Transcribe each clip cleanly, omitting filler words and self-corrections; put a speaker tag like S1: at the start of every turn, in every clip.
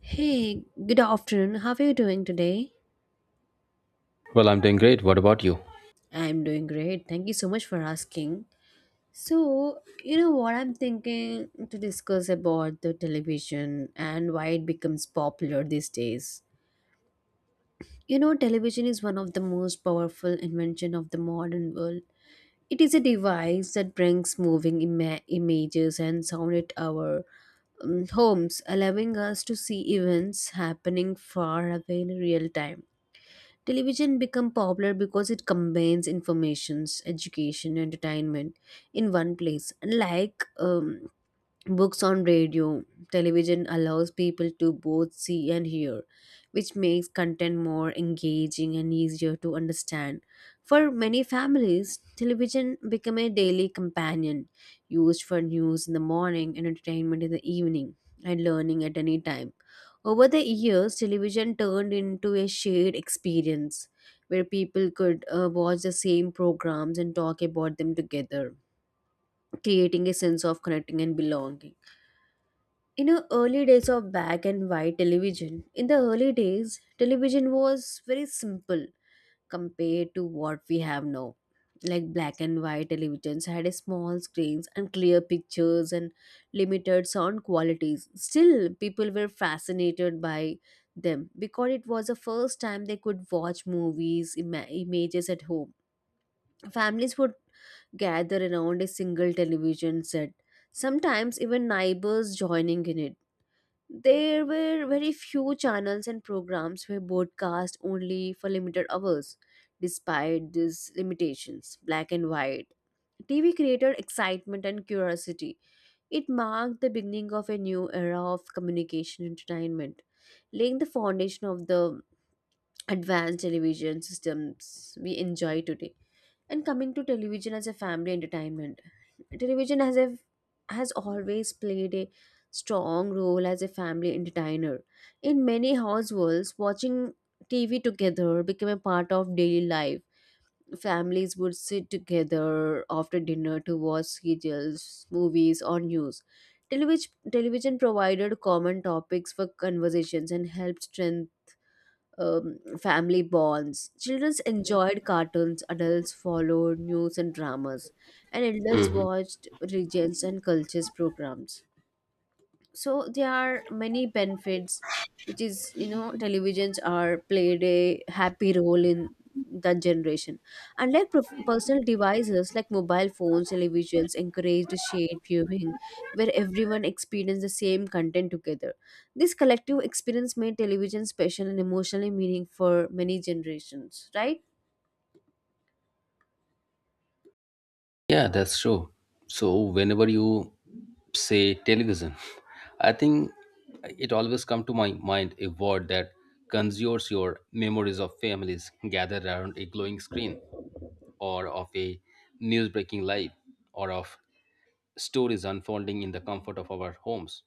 S1: Hey, good afternoon. How are you doing today?
S2: Well, I'm doing great. What about you?
S1: I'm doing great. Thank you so much for asking. So, you know what I'm thinking to discuss about the television and why it becomes popular these days. You know, television is one of the most powerful invention of the modern world. It is a device that brings moving images and sound at our homes, allowing us to see events happening far away in real time. Television become popular because it combines informations, education, entertainment in one place. Like books on radio, television allows people to both see and hear, which makes content more engaging and easier to understand. For many families, television become a daily companion, used for news in the morning and entertainment in the evening and learning at any time. Over the years, television turned into a shared experience where people could watch the same programs and talk about them together, creating a sense of connecting and belonging. You know, early days of black and white television, in the early days television was very simple compared to what we have now, like black and white televisions had a small screens and clear pictures and limited sound qualities. Still, people were fascinated by them because it was the first time they could watch movies images at home. Families would gather around a single television set, sometimes even neighbors joining in it. There were very few channels and programs were broadcast only for limited hours. Despite these limitations, black and white TV created excitement and curiosity. It marked the beginning of a new era of communication entertainment, laying the foundation of the advanced television systems we enjoy today. And coming to television as a family entertainment, television has always played a strong role as a family entertainer. In many households, watching TV together became a part of daily life. Families would sit together after dinner to watch serials, movies, or news. Television provided common topics for conversations and helped strengthen family bonds. Children enjoyed cartoons, adults followed news and dramas, and elders watched regions and cultures programs. So there are many benefits, which is, you know, televisions are played a happy role in that generation. Unlike personal devices like mobile phones, televisions encouraged shared viewing, where everyone experienced the same content together. This collective experience made television special and emotionally meaningful for many generations, right?
S2: Yeah, that's true. So, whenever you say television, I think it always come to my mind a word that conjures your memories of families gathered around a glowing screen, or of a news-breaking live, or of stories unfolding in the comfort of our homes.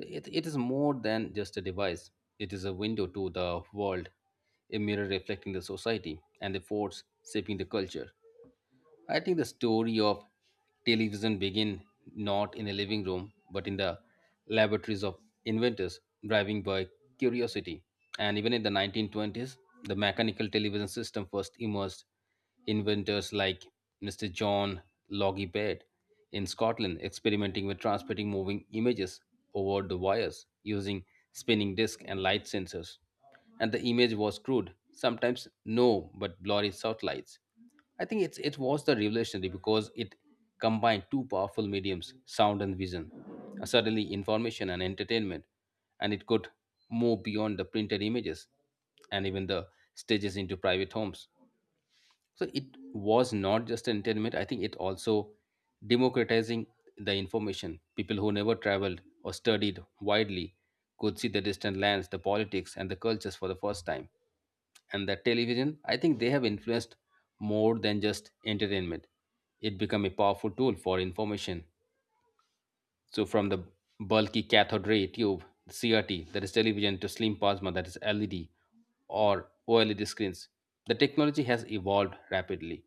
S2: It is more than just a device. It is a window to the world, a mirror reflecting the society, and the force shaping the culture. I think the story of television began not in a living room, but in the laboratories of inventors, driving by curiosity. And even in the 1920s, the mechanical television system first emerged. Inventors like Mr. John Logie Baird in Scotland experimenting with transmitting moving images over the wires using spinning disc and light sensors, and the image was crude, sometimes no but blurry satellites. I think it was the revolutionary because it combined two powerful mediums, sound and vision, suddenly information and entertainment, and it could move beyond the printed images and even the stages into private homes. So it was not just entertainment. I think it also democratizing the information. People who never traveled or studied widely could see the distant lands, the politics, and the cultures for the first time, and the television, I think they have influenced more than just entertainment. It became a powerful tool for information. So from the bulky cathode ray tube, CRT, that is television, to slim plasma, that is LED or OLED screens, the technology has evolved rapidly.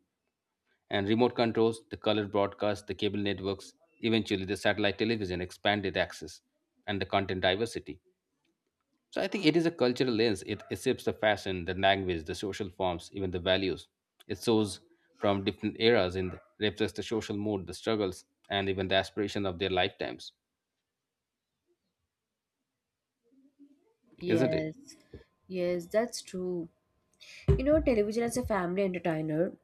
S2: And remote controls, the color broadcast, the cable networks, eventually the satellite television expanded access and the content diversity. So I think it is a cultural lens. It accepts the fashion, the language, the social forms, even the values. It shows from different eras and reflects the social mood, the struggles, and even the aspiration of their lifetimes, isn't it?
S1: Yes, yes, that's true. You know, television as a family entertainer,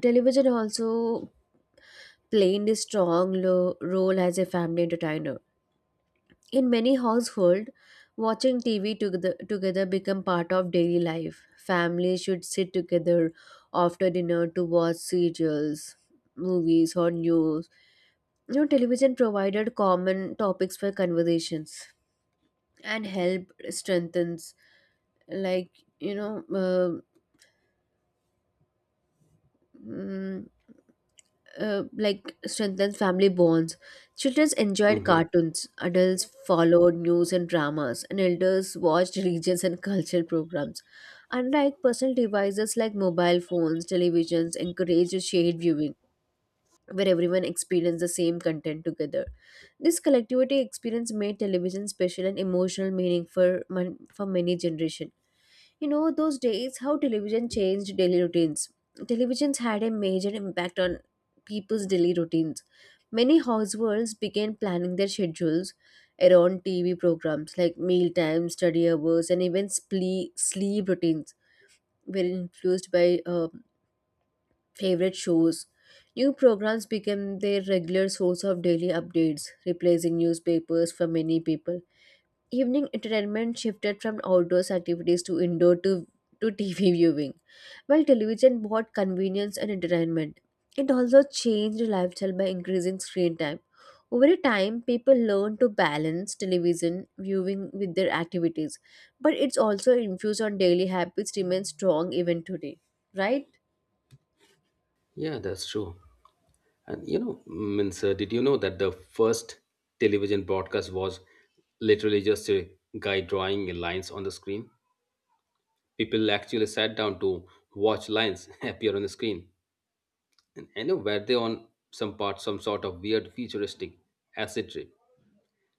S1: television also played a strong role as a family entertainer. In many households, watching TV together, become part of daily life. Families should sit together after dinner to watch serials, movies, or news. You know, television provided common topics for conversations and help strengthens, like, you know, mm, like strengthens family bonds. Children enjoyed
S2: Hmm.
S1: cartoons, adults followed news and dramas, and elders watched religions and cultural programs. Unlike personal devices like mobile phones, televisions encourage shared viewing, where everyone experienced the same content together. This collectivity experience made television special and emotional meaning for, for many generations. You know, those days, how television changed daily routines. Televisions had a major impact on people's daily routines. Many households began planning their schedules around TV programs like meal times, study hours, and even sleep routines were influenced by favorite shows. New programs became their regular source of daily updates, replacing newspapers for many people. Evening entertainment shifted from outdoors activities to indoor to TV viewing. While television brought convenience and entertainment, it also changed lifestyle by increasing screen time. Over time, people learned to balance television viewing with their activities, but it's also infused on daily habits remains strong even today, right?
S2: Yeah, that's true. And you know, means did you know that the first television broadcast was literally just a guy drawing lines on the screen? People actually sat down to watch lines appear on the screen. And I know, were they on some sort of weird futuristic acid trip?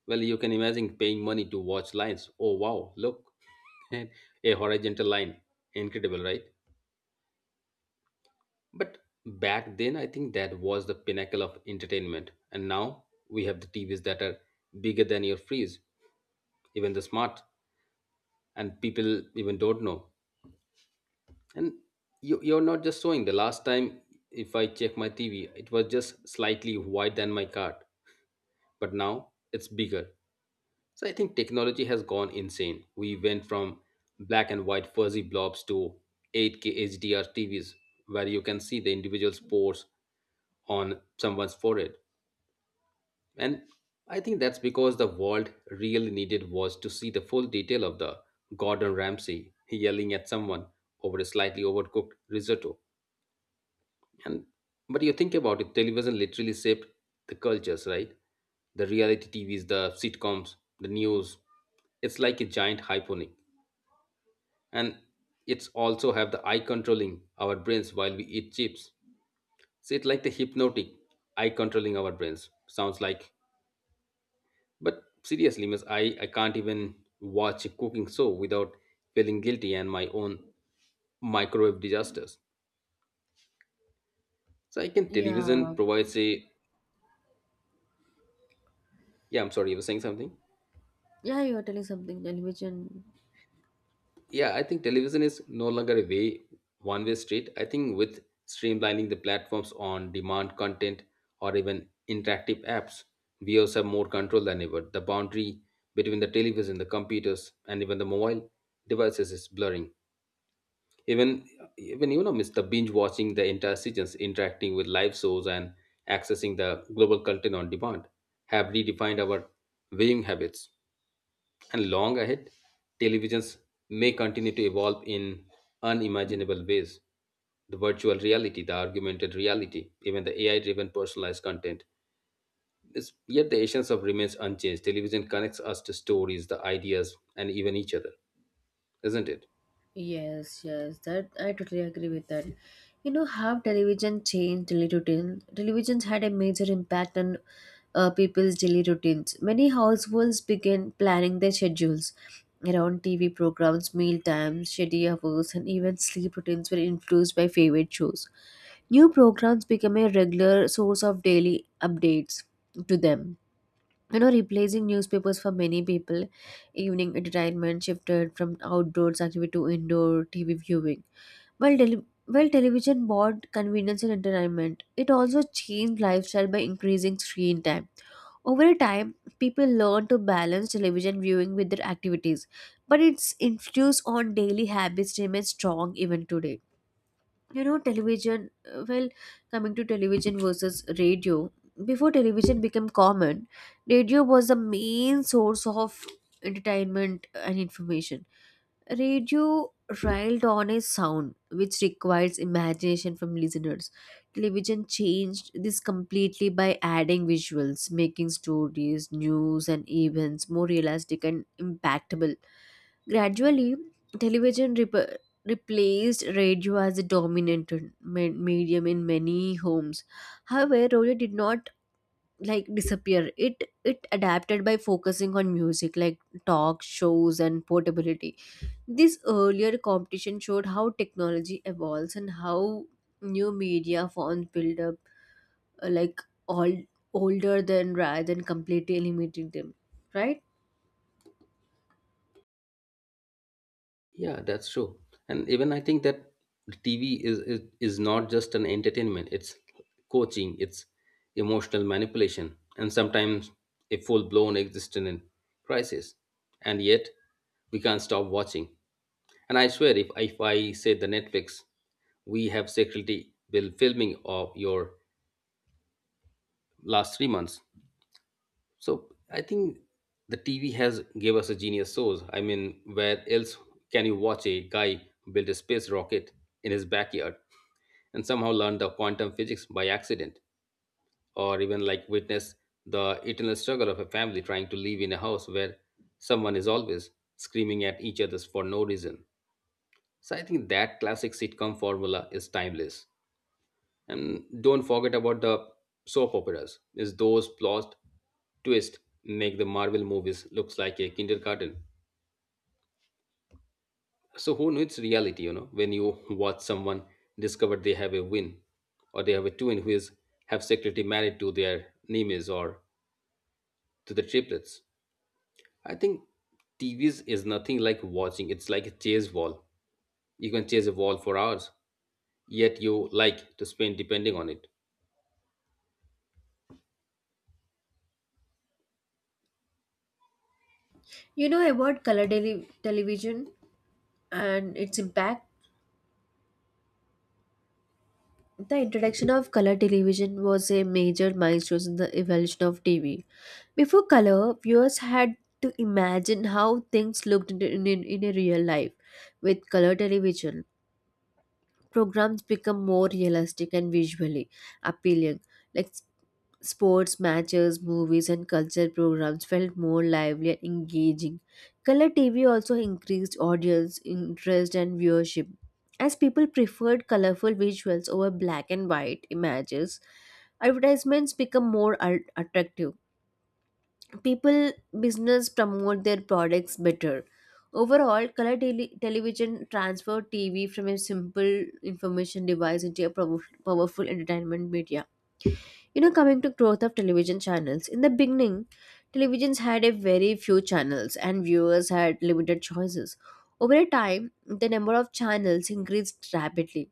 S2: Well, you can imagine paying money to watch lines. Oh wow, look, and a horizontal line. Incredible, right? But back then, I think that was the pinnacle of entertainment. And now we have the TVs that are bigger than your freeze, even the smart, and people even don't know. And you're not just showing. The last time, if I check my TV, it was just slightly wider than my cart, but now it's bigger. So I think technology has gone insane. We went from black and white fuzzy blobs to 8K HDR TVs where you can see the individual pores on someone's forehead. And I think that's because the world really needed was to see the full detail of the Gordon Ramsay yelling at someone over a slightly overcooked risotto. And but you think about it, television literally shaped the cultures, right? The reality TVs, the sitcoms, the news. It's like a giant hyponic. And it's also have the eye controlling our brains while we eat chips. So it's like the hypnotic eye controlling our brains. Sounds like, but seriously, miss, I can't even watch a cooking show without feeling guilty and my own microwave disasters. So I can television
S1: Yeah,
S2: provides a yeah, I'm sorry, you were saying something?
S1: yeah, you are telling something. Television.
S2: Yeah, I think television is no longer a way one way street. I think with streamlining the platforms on demand content or even interactive apps, viewers have more control than ever. The boundary between the television, the computers, and even the mobile devices is blurring. Even even you know, miss the Binge watching the entire seasons, interacting with live shows, and accessing the global content on demand have redefined our viewing habits. And long ahead, televisions may continue to evolve in unimaginable ways. The virtual reality, the augmented reality, even the AI driven personalized content. This, yet the essence of remains unchanged. Television connects us to stories, the ideas, and even each other, isn't it?
S1: Yes, yes, that I totally agree with that. You know how television changed daily routine. Televisions had a major impact on people's daily routines. Many households began planning their schedules around TV programs, meal times, shady hours, and even sleep routines were influenced by favorite shows. New programs became a regular source of daily updates to them, you know, replacing newspapers for many people. Evening entertainment shifted from outdoors activity to indoor TV viewing. while, tele- while television brought convenience and entertainment, it also changed lifestyle by increasing screen time. Over time, people learned to balance television viewing with their activities, but its influence on daily habits remains strong even today. You know, television, well, coming to television versus radio, before television became common, radio was the main source of entertainment and information. Radio relied on a sound which requires imagination from listeners. Television changed this completely by adding visuals, making stories, news and events more realistic and impactable. Gradually, television replaced radio as a dominant medium in many homes. However, radio did not like disappear. It adapted by focusing on music, like talk shows and portability. This earlier competition showed how technology evolves and how new media forms build up, like all older than rather than completely eliminating them. Right?
S2: Yeah, that's true. And even I think that TV is not just an entertainment. It's coaching. It's emotional manipulation, and sometimes a full blown existential crisis. And yet, we can't stop watching. And I swear, if I say the Netflix, we have security will filming of your last 3 months. So I think the TV has gave us a genius source. I mean, where else can you watch a guy build a space rocket in his backyard and somehow learn the quantum physics by accident, or even like witness the eternal struggle of a family trying to live in a house where someone is always screaming at each other for no reason. So I think that classic sitcom formula is timeless. And don't forget about the soap operas, is those plot twists make the Marvel movies looks like a kindergarten. So who knows reality, you know, when you watch someone discover they have a win or they have a twin who is have secretly married to their nieces or to the triplets. I think TVs is nothing like watching. It's like a chase wall. You can chase a wall for hours, yet you like to spend depending on it.
S1: You know about color television and its impact? The introduction of color television was a major milestone in the evolution of TV. Before color, viewers had to imagine how things looked in a real life. With color television, programs become more realistic and visually appealing. Like sports matches, movies, and culture programs felt more lively and engaging. Color TV also increased audience interest and viewership. As people preferred colorful visuals over black and white images, advertisements become more attractive. People, business promote their products better. Overall, color television transferred TV from a simple information device into a powerful entertainment media. You know, coming to growth of television channels, in the beginning, televisions had a very few channels and viewers had limited choices. Over a time, the number of channels increased rapidly,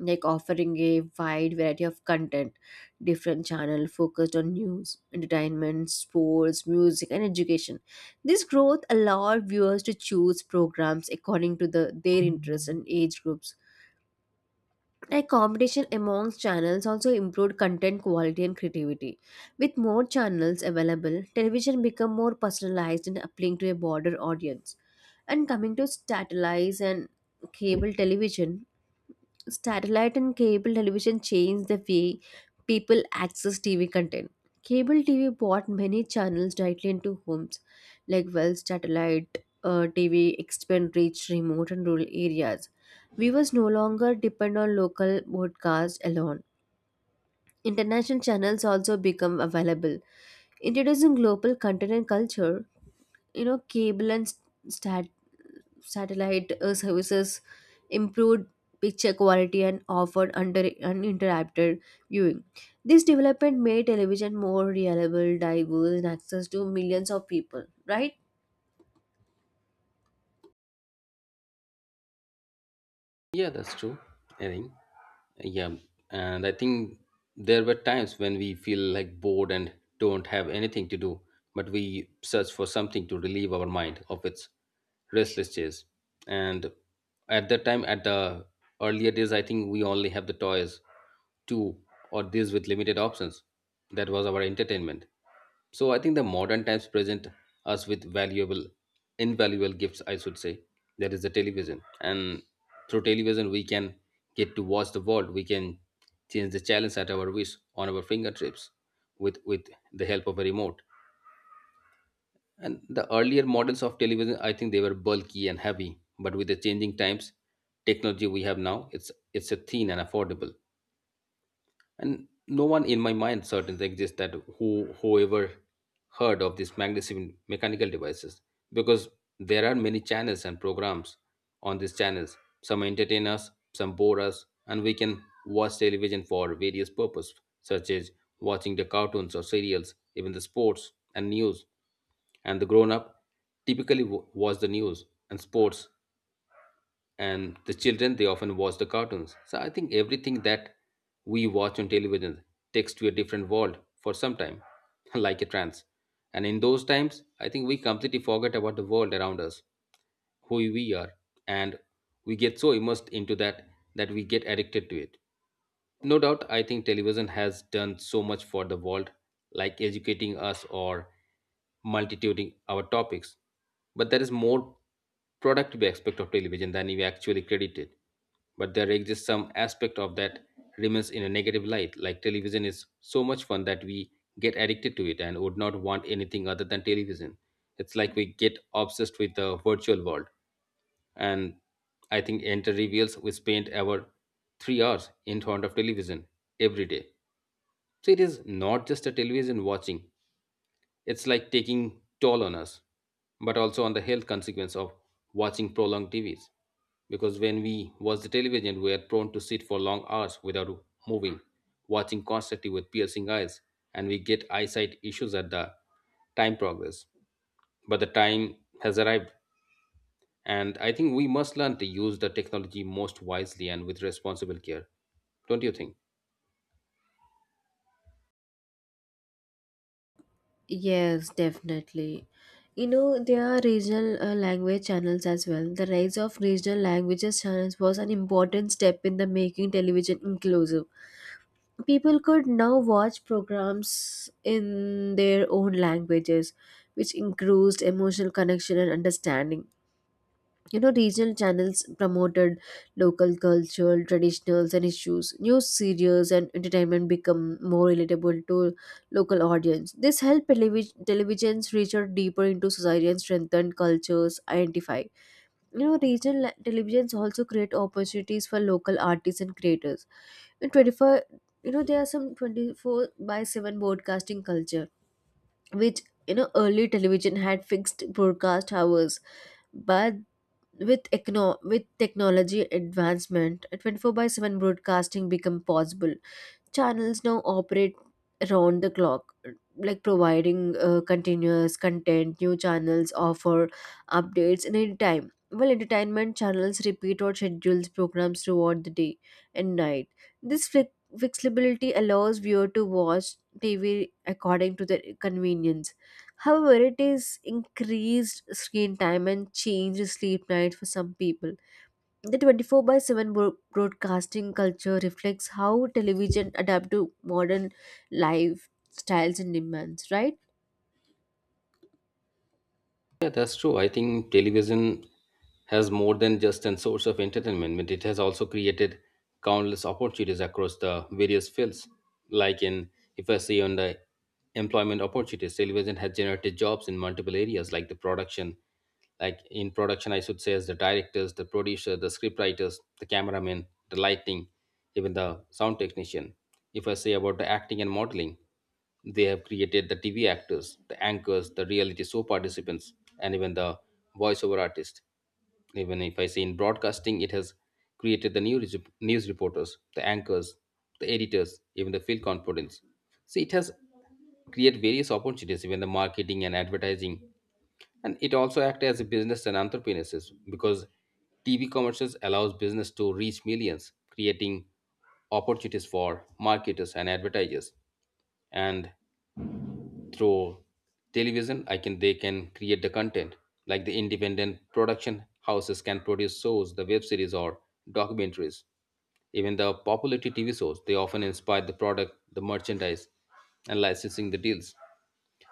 S1: like offering a wide variety of content. Different channels focused on news, entertainment, sports, music, and education. This growth allowed viewers to choose programs according to their interests and age groups, like competition amongst channels also improved content quality and creativity. With more channels available, television become more personalized and appealing to a broader audience. And coming to satellites and cable television, satellite and cable television changed the way people access TV content. Cable TV brought many channels directly into homes, like, well, satellite TV expand reach remote and rural areas. Viewers no longer depend on local broadcasts alone. International channels also become available, introducing global content and culture. You know, cable and sat satellite services improved picture quality and offered under uninterrupted viewing. This development made television more reliable, diverse, and access to millions of people. Right?
S2: Yeah, that's true. I think. Yeah, and I think there were times when we feel like bored and don't have anything to do, but we search for something to relieve our mind of its restless chase. And at that time, at the earlier days, I think we only have the toys two or this with limited options. That was our entertainment. So I think the modern times present us with valuable, invaluable gifts, I should say. That is the television. And through television, we can get to watch the world. We can change the channels at our wish on our fingertips with the help of a remote. And the earlier models of television, I think they were bulky and heavy. But with the changing times, technology we have now, it's a thin and affordable, and no one in my mind certainly exists that whoever heard of these magnetic mechanical devices, because there are many channels and programs on these channels. Some entertain us, some bore us, and we can watch television for various purpose, such as watching the cartoons or serials, even the sports and news. And the grown up typically watch the news and sports, and the children they often watch the cartoons. So I think everything that we watch on television takes to a different world for some time, like a trance. And in those times I think we completely forget about the world around us, who we are, and we get so immersed into that that we get addicted to it. No doubt, I think television has done so much for the world, like educating us or multituding our topics. But there is more productive aspect of television than we actually credited, but there exists some aspect of that remains in a negative light. Like television is so much fun that we get addicted to it and would not want anything other than television. It's like we get obsessed with the virtual world. And I think enter reveals we spent our 3 hours in front of television every day. So it is not just a television watching; it's like taking toll on us, but also on the health consequence of watching prolonged TVs. Because when we watch the television, we are prone to sit for long hours without moving, watching constantly with piercing eyes, and we get eyesight issues at the time progress. But the time has arrived, and I think we must learn to use the technology most wisely and with responsible care. Don't you think?
S1: Yes, definitely. You know, there are regional language channels as well. The rise of regional languages channels was an important step in the making television inclusive. People could now watch programs in their own languages, which increased emotional connection and understanding. You know, regional channels promoted local culture, traditionals, and issues. News serials and entertainment become more relatable to local audience. This helped televisions reach out deeper into society and strengthen cultures identify. You know, regional televisions also create opportunities for local artists and creators. In 24, you know, there are some 24 by 7 broadcasting culture, which, you know, early television had fixed broadcast hours. But with technology advancement, 24 by 7 broadcasting become possible. Channels now operate around the clock, like providing continuous content. New channels offer updates in any time, while entertainment channels repeat or schedules programs throughout the day and night. This flexibility allows viewer to watch TV according to their convenience. However, it is increased screen time and changed sleep night for some people. The 24 by 7 broadcasting culture reflects how television adapt to modern lifestyles and demands, right?
S2: Yeah, that's true. I think television has more than just a source of entertainment, but it has also created countless opportunities across the various fields. Like in, if I see on the employment opportunities, television has generated jobs in multiple areas, like the production, like in production, I should say, as the directors, the producer, the scriptwriters, the cameraman, the lighting, even the sound technician. If I say about the acting and modeling, they have created the TV actors, the anchors, the reality show participants, and even the voiceover artist. Even if I say in broadcasting, it has created the news, news reporters, the anchors, the editors, even the field confidence. See, it has created various opportunities, even the marketing and advertising, and it also acts as a business and entrepreneurs because TV commercials allows business to reach millions, creating opportunities for marketers and advertisers. And through television I can they can create the content like the independent production houses can produce shows, the web series, or documentaries. Even the popularity TV shows, they often inspire the product, the merchandise, and licensing the deals.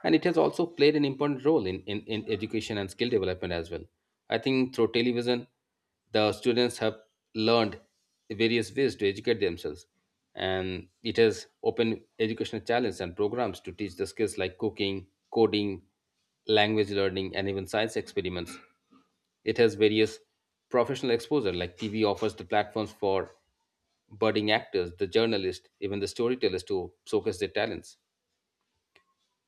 S2: And it has also played an important role in education and skill development as well. I think through television, the students have learned various ways to educate themselves. And it has opened educational challenges and programs to teach the skills like cooking, coding, language learning, and even science experiments. It has various professional exposure, like TV offers the platforms for budding actors, the journalists, even the storytellers to showcase their talents.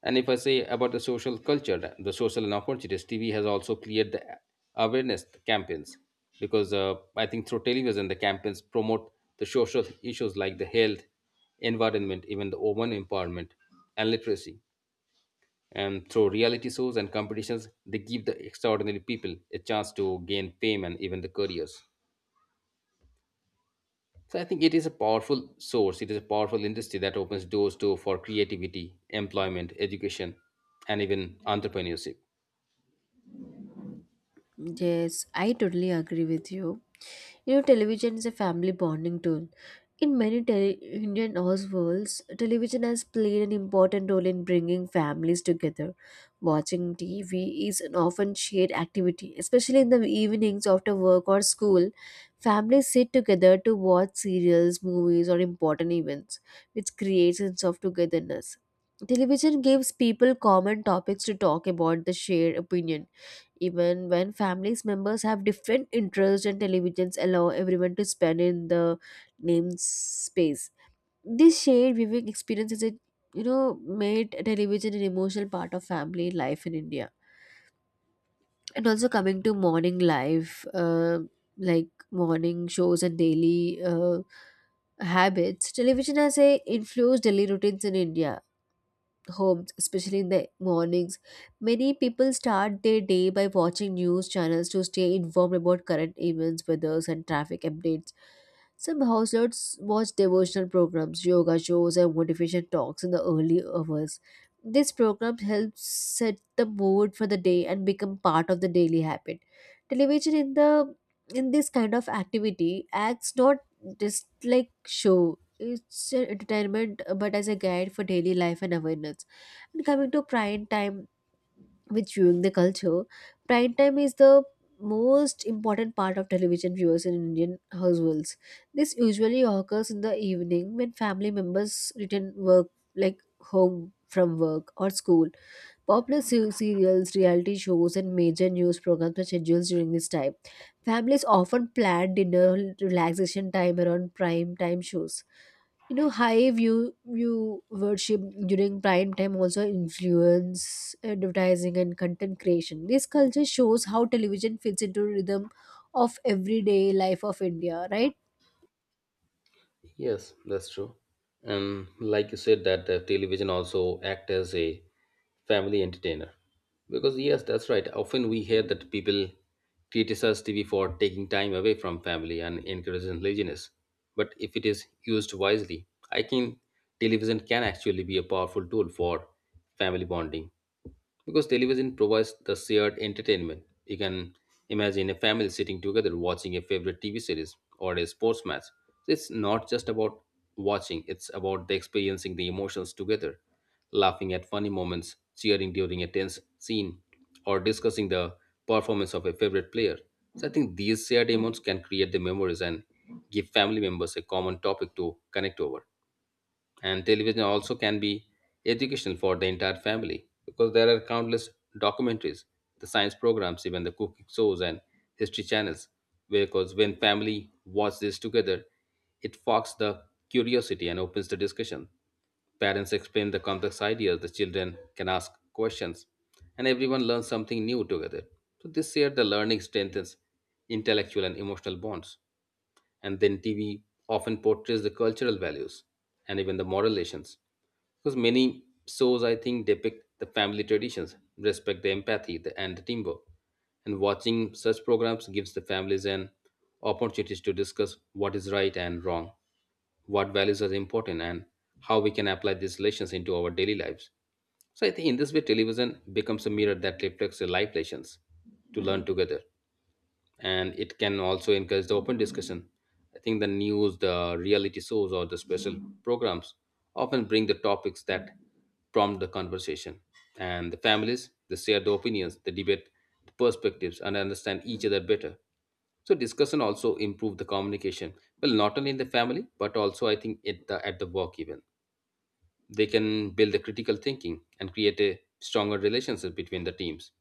S2: And if I say about the social culture, the social and opportunities, TV has also cleared the awareness campaigns because I think through television, the campaigns promote the social issues like the health, environment, even the women empowerment and literacy. And through reality shows and competitions, they give the extraordinary people a chance to gain fame and even the careers. So I think it is a powerful source. It is a powerful industry that opens doors to for creativity, employment, education, and even entrepreneurship.
S1: Yes, I totally agree with you. You know, television is a family bonding tool. In many Indian households, television has played an important role in bringing families together. Watching TV is an often shared activity, especially in the evenings after work or school. Families sit together to watch serials, movies, or important events, which creates a sense of togetherness. Television gives people common topics to talk about, the shared opinion even when families members have different interests, and televisions allow everyone to spend in the name space. This shared viewing experience is a, you know, made television an emotional part of family life in India. And also coming to morning life, like morning shows and daily habits, television has a influenced daily routines in India homes, especially in the mornings. Many people start their day by watching news channels to stay informed about current events, weathers, and traffic updates. Some households watch devotional programs, yoga shows, and motivation talks in the early hours. This program helps set the mood for the day and become part of the daily habit. Television in the in this kind of activity acts not just like show. It's an entertainment, but as a guide for daily life and awareness. And coming to prime time with viewing the culture, prime time is the most important part of television viewers in Indian households. This usually occurs in the evening when family members return work like home from work or school. Popular serials, reality shows, and major news programs were scheduled during this time. Families often planned dinner relaxation time around prime time shows. High viewership during prime time also influence advertising and content creation. This culture shows how television fits into rhythm of everyday life of India, right?
S2: Yes, that's true. And like you said, that television also act as a family entertainer. Because yes, that's right. Often we hear that people criticize TV for taking time away from family and encouraging laziness. But if it is used wisely, I think television can actually be a powerful tool for family bonding because television provides the shared entertainment. You can imagine a family sitting together watching a favorite TV series or a sports match. So it's not just about watching, it's about the experiencing the emotions together, laughing at funny moments, cheering during a tense scene, or discussing the performance of a favorite player. So I think these shared emotions can create the memories and give family members a common topic to connect over, and television also can be educational for the entire family because there are countless documentaries, the science programs, even the cooking shows and history channels. Because when family watch this together, it fogs the curiosity and opens the discussion. Parents explain the complex ideas, the children can ask questions, and everyone learns something new together. So this year the learning strengthens intellectual and emotional bonds. And then TV often portrays the cultural values and even the moral lessons. Because many shows, I think, depict the family traditions, respect the empathy, the, and the teamwork. And watching such programs gives the families an opportunity to discuss what is right and wrong, what values are important, and how we can apply these lessons into our daily lives. So I think in this way, television becomes a mirror that reflects the life lessons to learn together, and it can also encourage the open discussion. I think the news, the reality shows, or the special programs often bring the topics that prompt the conversation. And the families, they share the opinions, the debate, the perspectives, and understand each other better. So discussion also improve the communication. Well, not only in the family, but also I think at the work even. They can build the critical thinking and create a stronger relationship between the teams.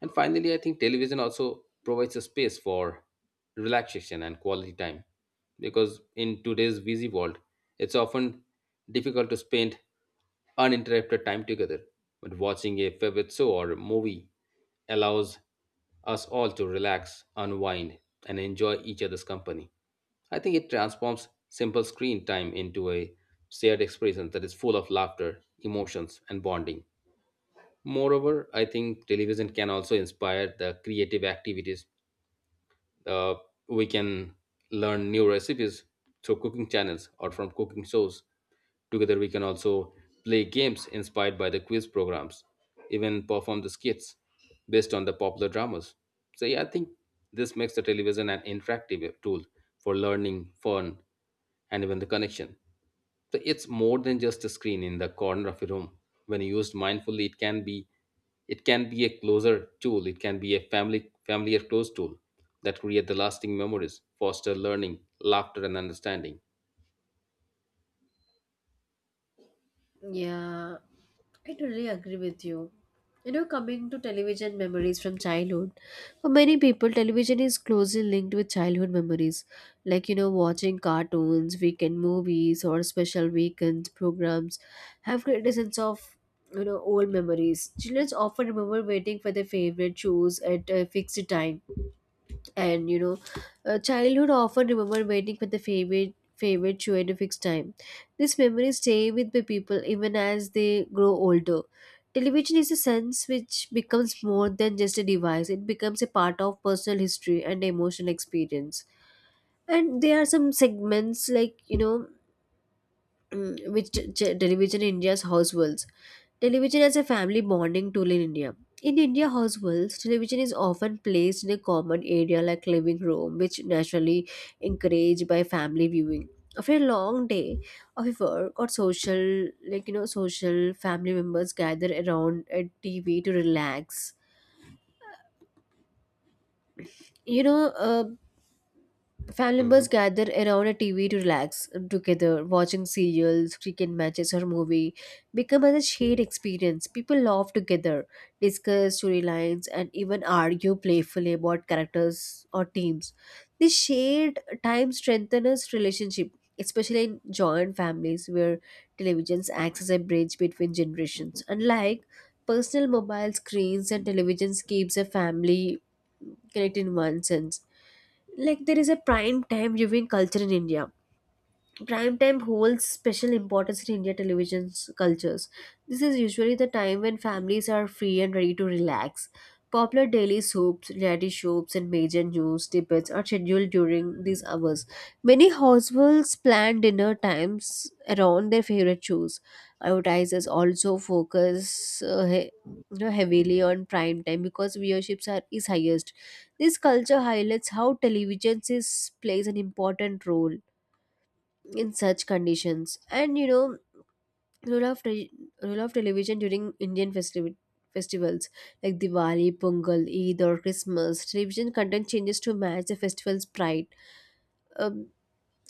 S2: And finally, I think television also provides a space for relaxation and quality time because in today's busy world, it's often difficult to spend uninterrupted time together. But watching a favorite show or a movie allows us all to relax, unwind, and enjoy each other's company. I think it transforms simple screen time into a shared experience that is full of laughter, emotions, and bonding. Moreover, I think television can also inspire the creative activities. Uh, we can learn new recipes through cooking channels or from cooking shows. Together, we can also play games inspired by the quiz programs, even perform the skits based on the popular dramas. So, yeah, I think this makes the television an interactive tool for learning, fun, and even the connection. So it's more than just a screen in the corner of a room. When used mindfully, it can be a closer tool. It can be a family familiar close tool that create the lasting memories, foster learning, laughter, and understanding.
S1: Yeah, I totally agree with you. You know, coming to television memories from childhood, for many people, television is closely linked with childhood memories. Like, watching cartoons, weekend movies, or special weekend programs have created a sense of, old memories. Children often remember waiting for their favorite shows at a fixed time. And you know Childhood often remember waiting for the favorite show at a fixed time. These memories stay with the people even as they grow older. Television is a sense which becomes more than just a device. It becomes a part of personal history and emotional experience. And there are some segments like television in India's households. Television as a family bonding tool in India. In India households, television is often placed in a common area like living room, which naturally encouraged by family viewing. After a long day of work or social, social family members gather around a TV to relax. You know, uh, Family members
S2: Mhm.
S1: gather around a TV to relax together, watching serials, cricket matches, or movie. Become a shared experience. People laugh together, discuss storylines, and even argue playfully about characters or teams. This shared time strengthens relationship, especially in joint families where televisions acts as a bridge between generations. Unlike personal mobile screens and televisions keeps a family connected in one sense. Like there is a prime time viewing culture in India. Prime time holds special importance in India television's cultures. This is usually the time when families are free and ready to relax. Popular daily soaps, reality shows, and major news debates are scheduled during these hours. Many households plan dinner times around their favorite shows. Advertisers also focus heavily on prime time because viewerships are is highest. This culture highlights how television is, plays an important role in such conditions. And you know Role role of television during Indian festivals like Diwali, Pongal, Eid or Christmas. Television content changes to match the festival's pride um,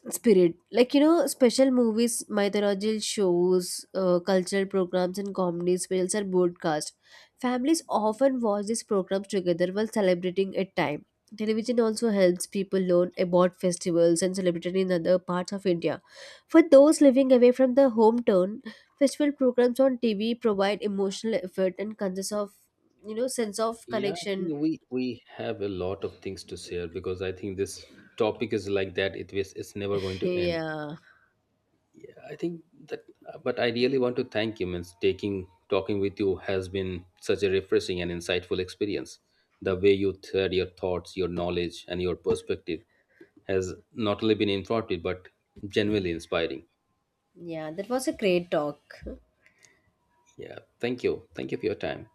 S1: spirit. Special movies, mythological shows, cultural programs and comedy specials are broadcast. Families often watch these programs together while celebrating a time. Television also helps people learn about festivals and celebrate in other parts of India. For those living away from the hometown, festival programs on TV provide emotional effort and consist of, sense of
S2: Yeah, I think
S1: connection.
S2: we have a lot of things to share because I think this topic is like that. It is it's never going to end.
S1: Yeah,
S2: I think that, but I really want to thank you. Means taking talking with you has been such a refreshing and insightful experience. The way you shared your thoughts, your knowledge, and your perspective has not only been informative but genuinely inspiring.
S1: yeah, that was a great talk.
S2: Yeah, thank you. Thank you for your time.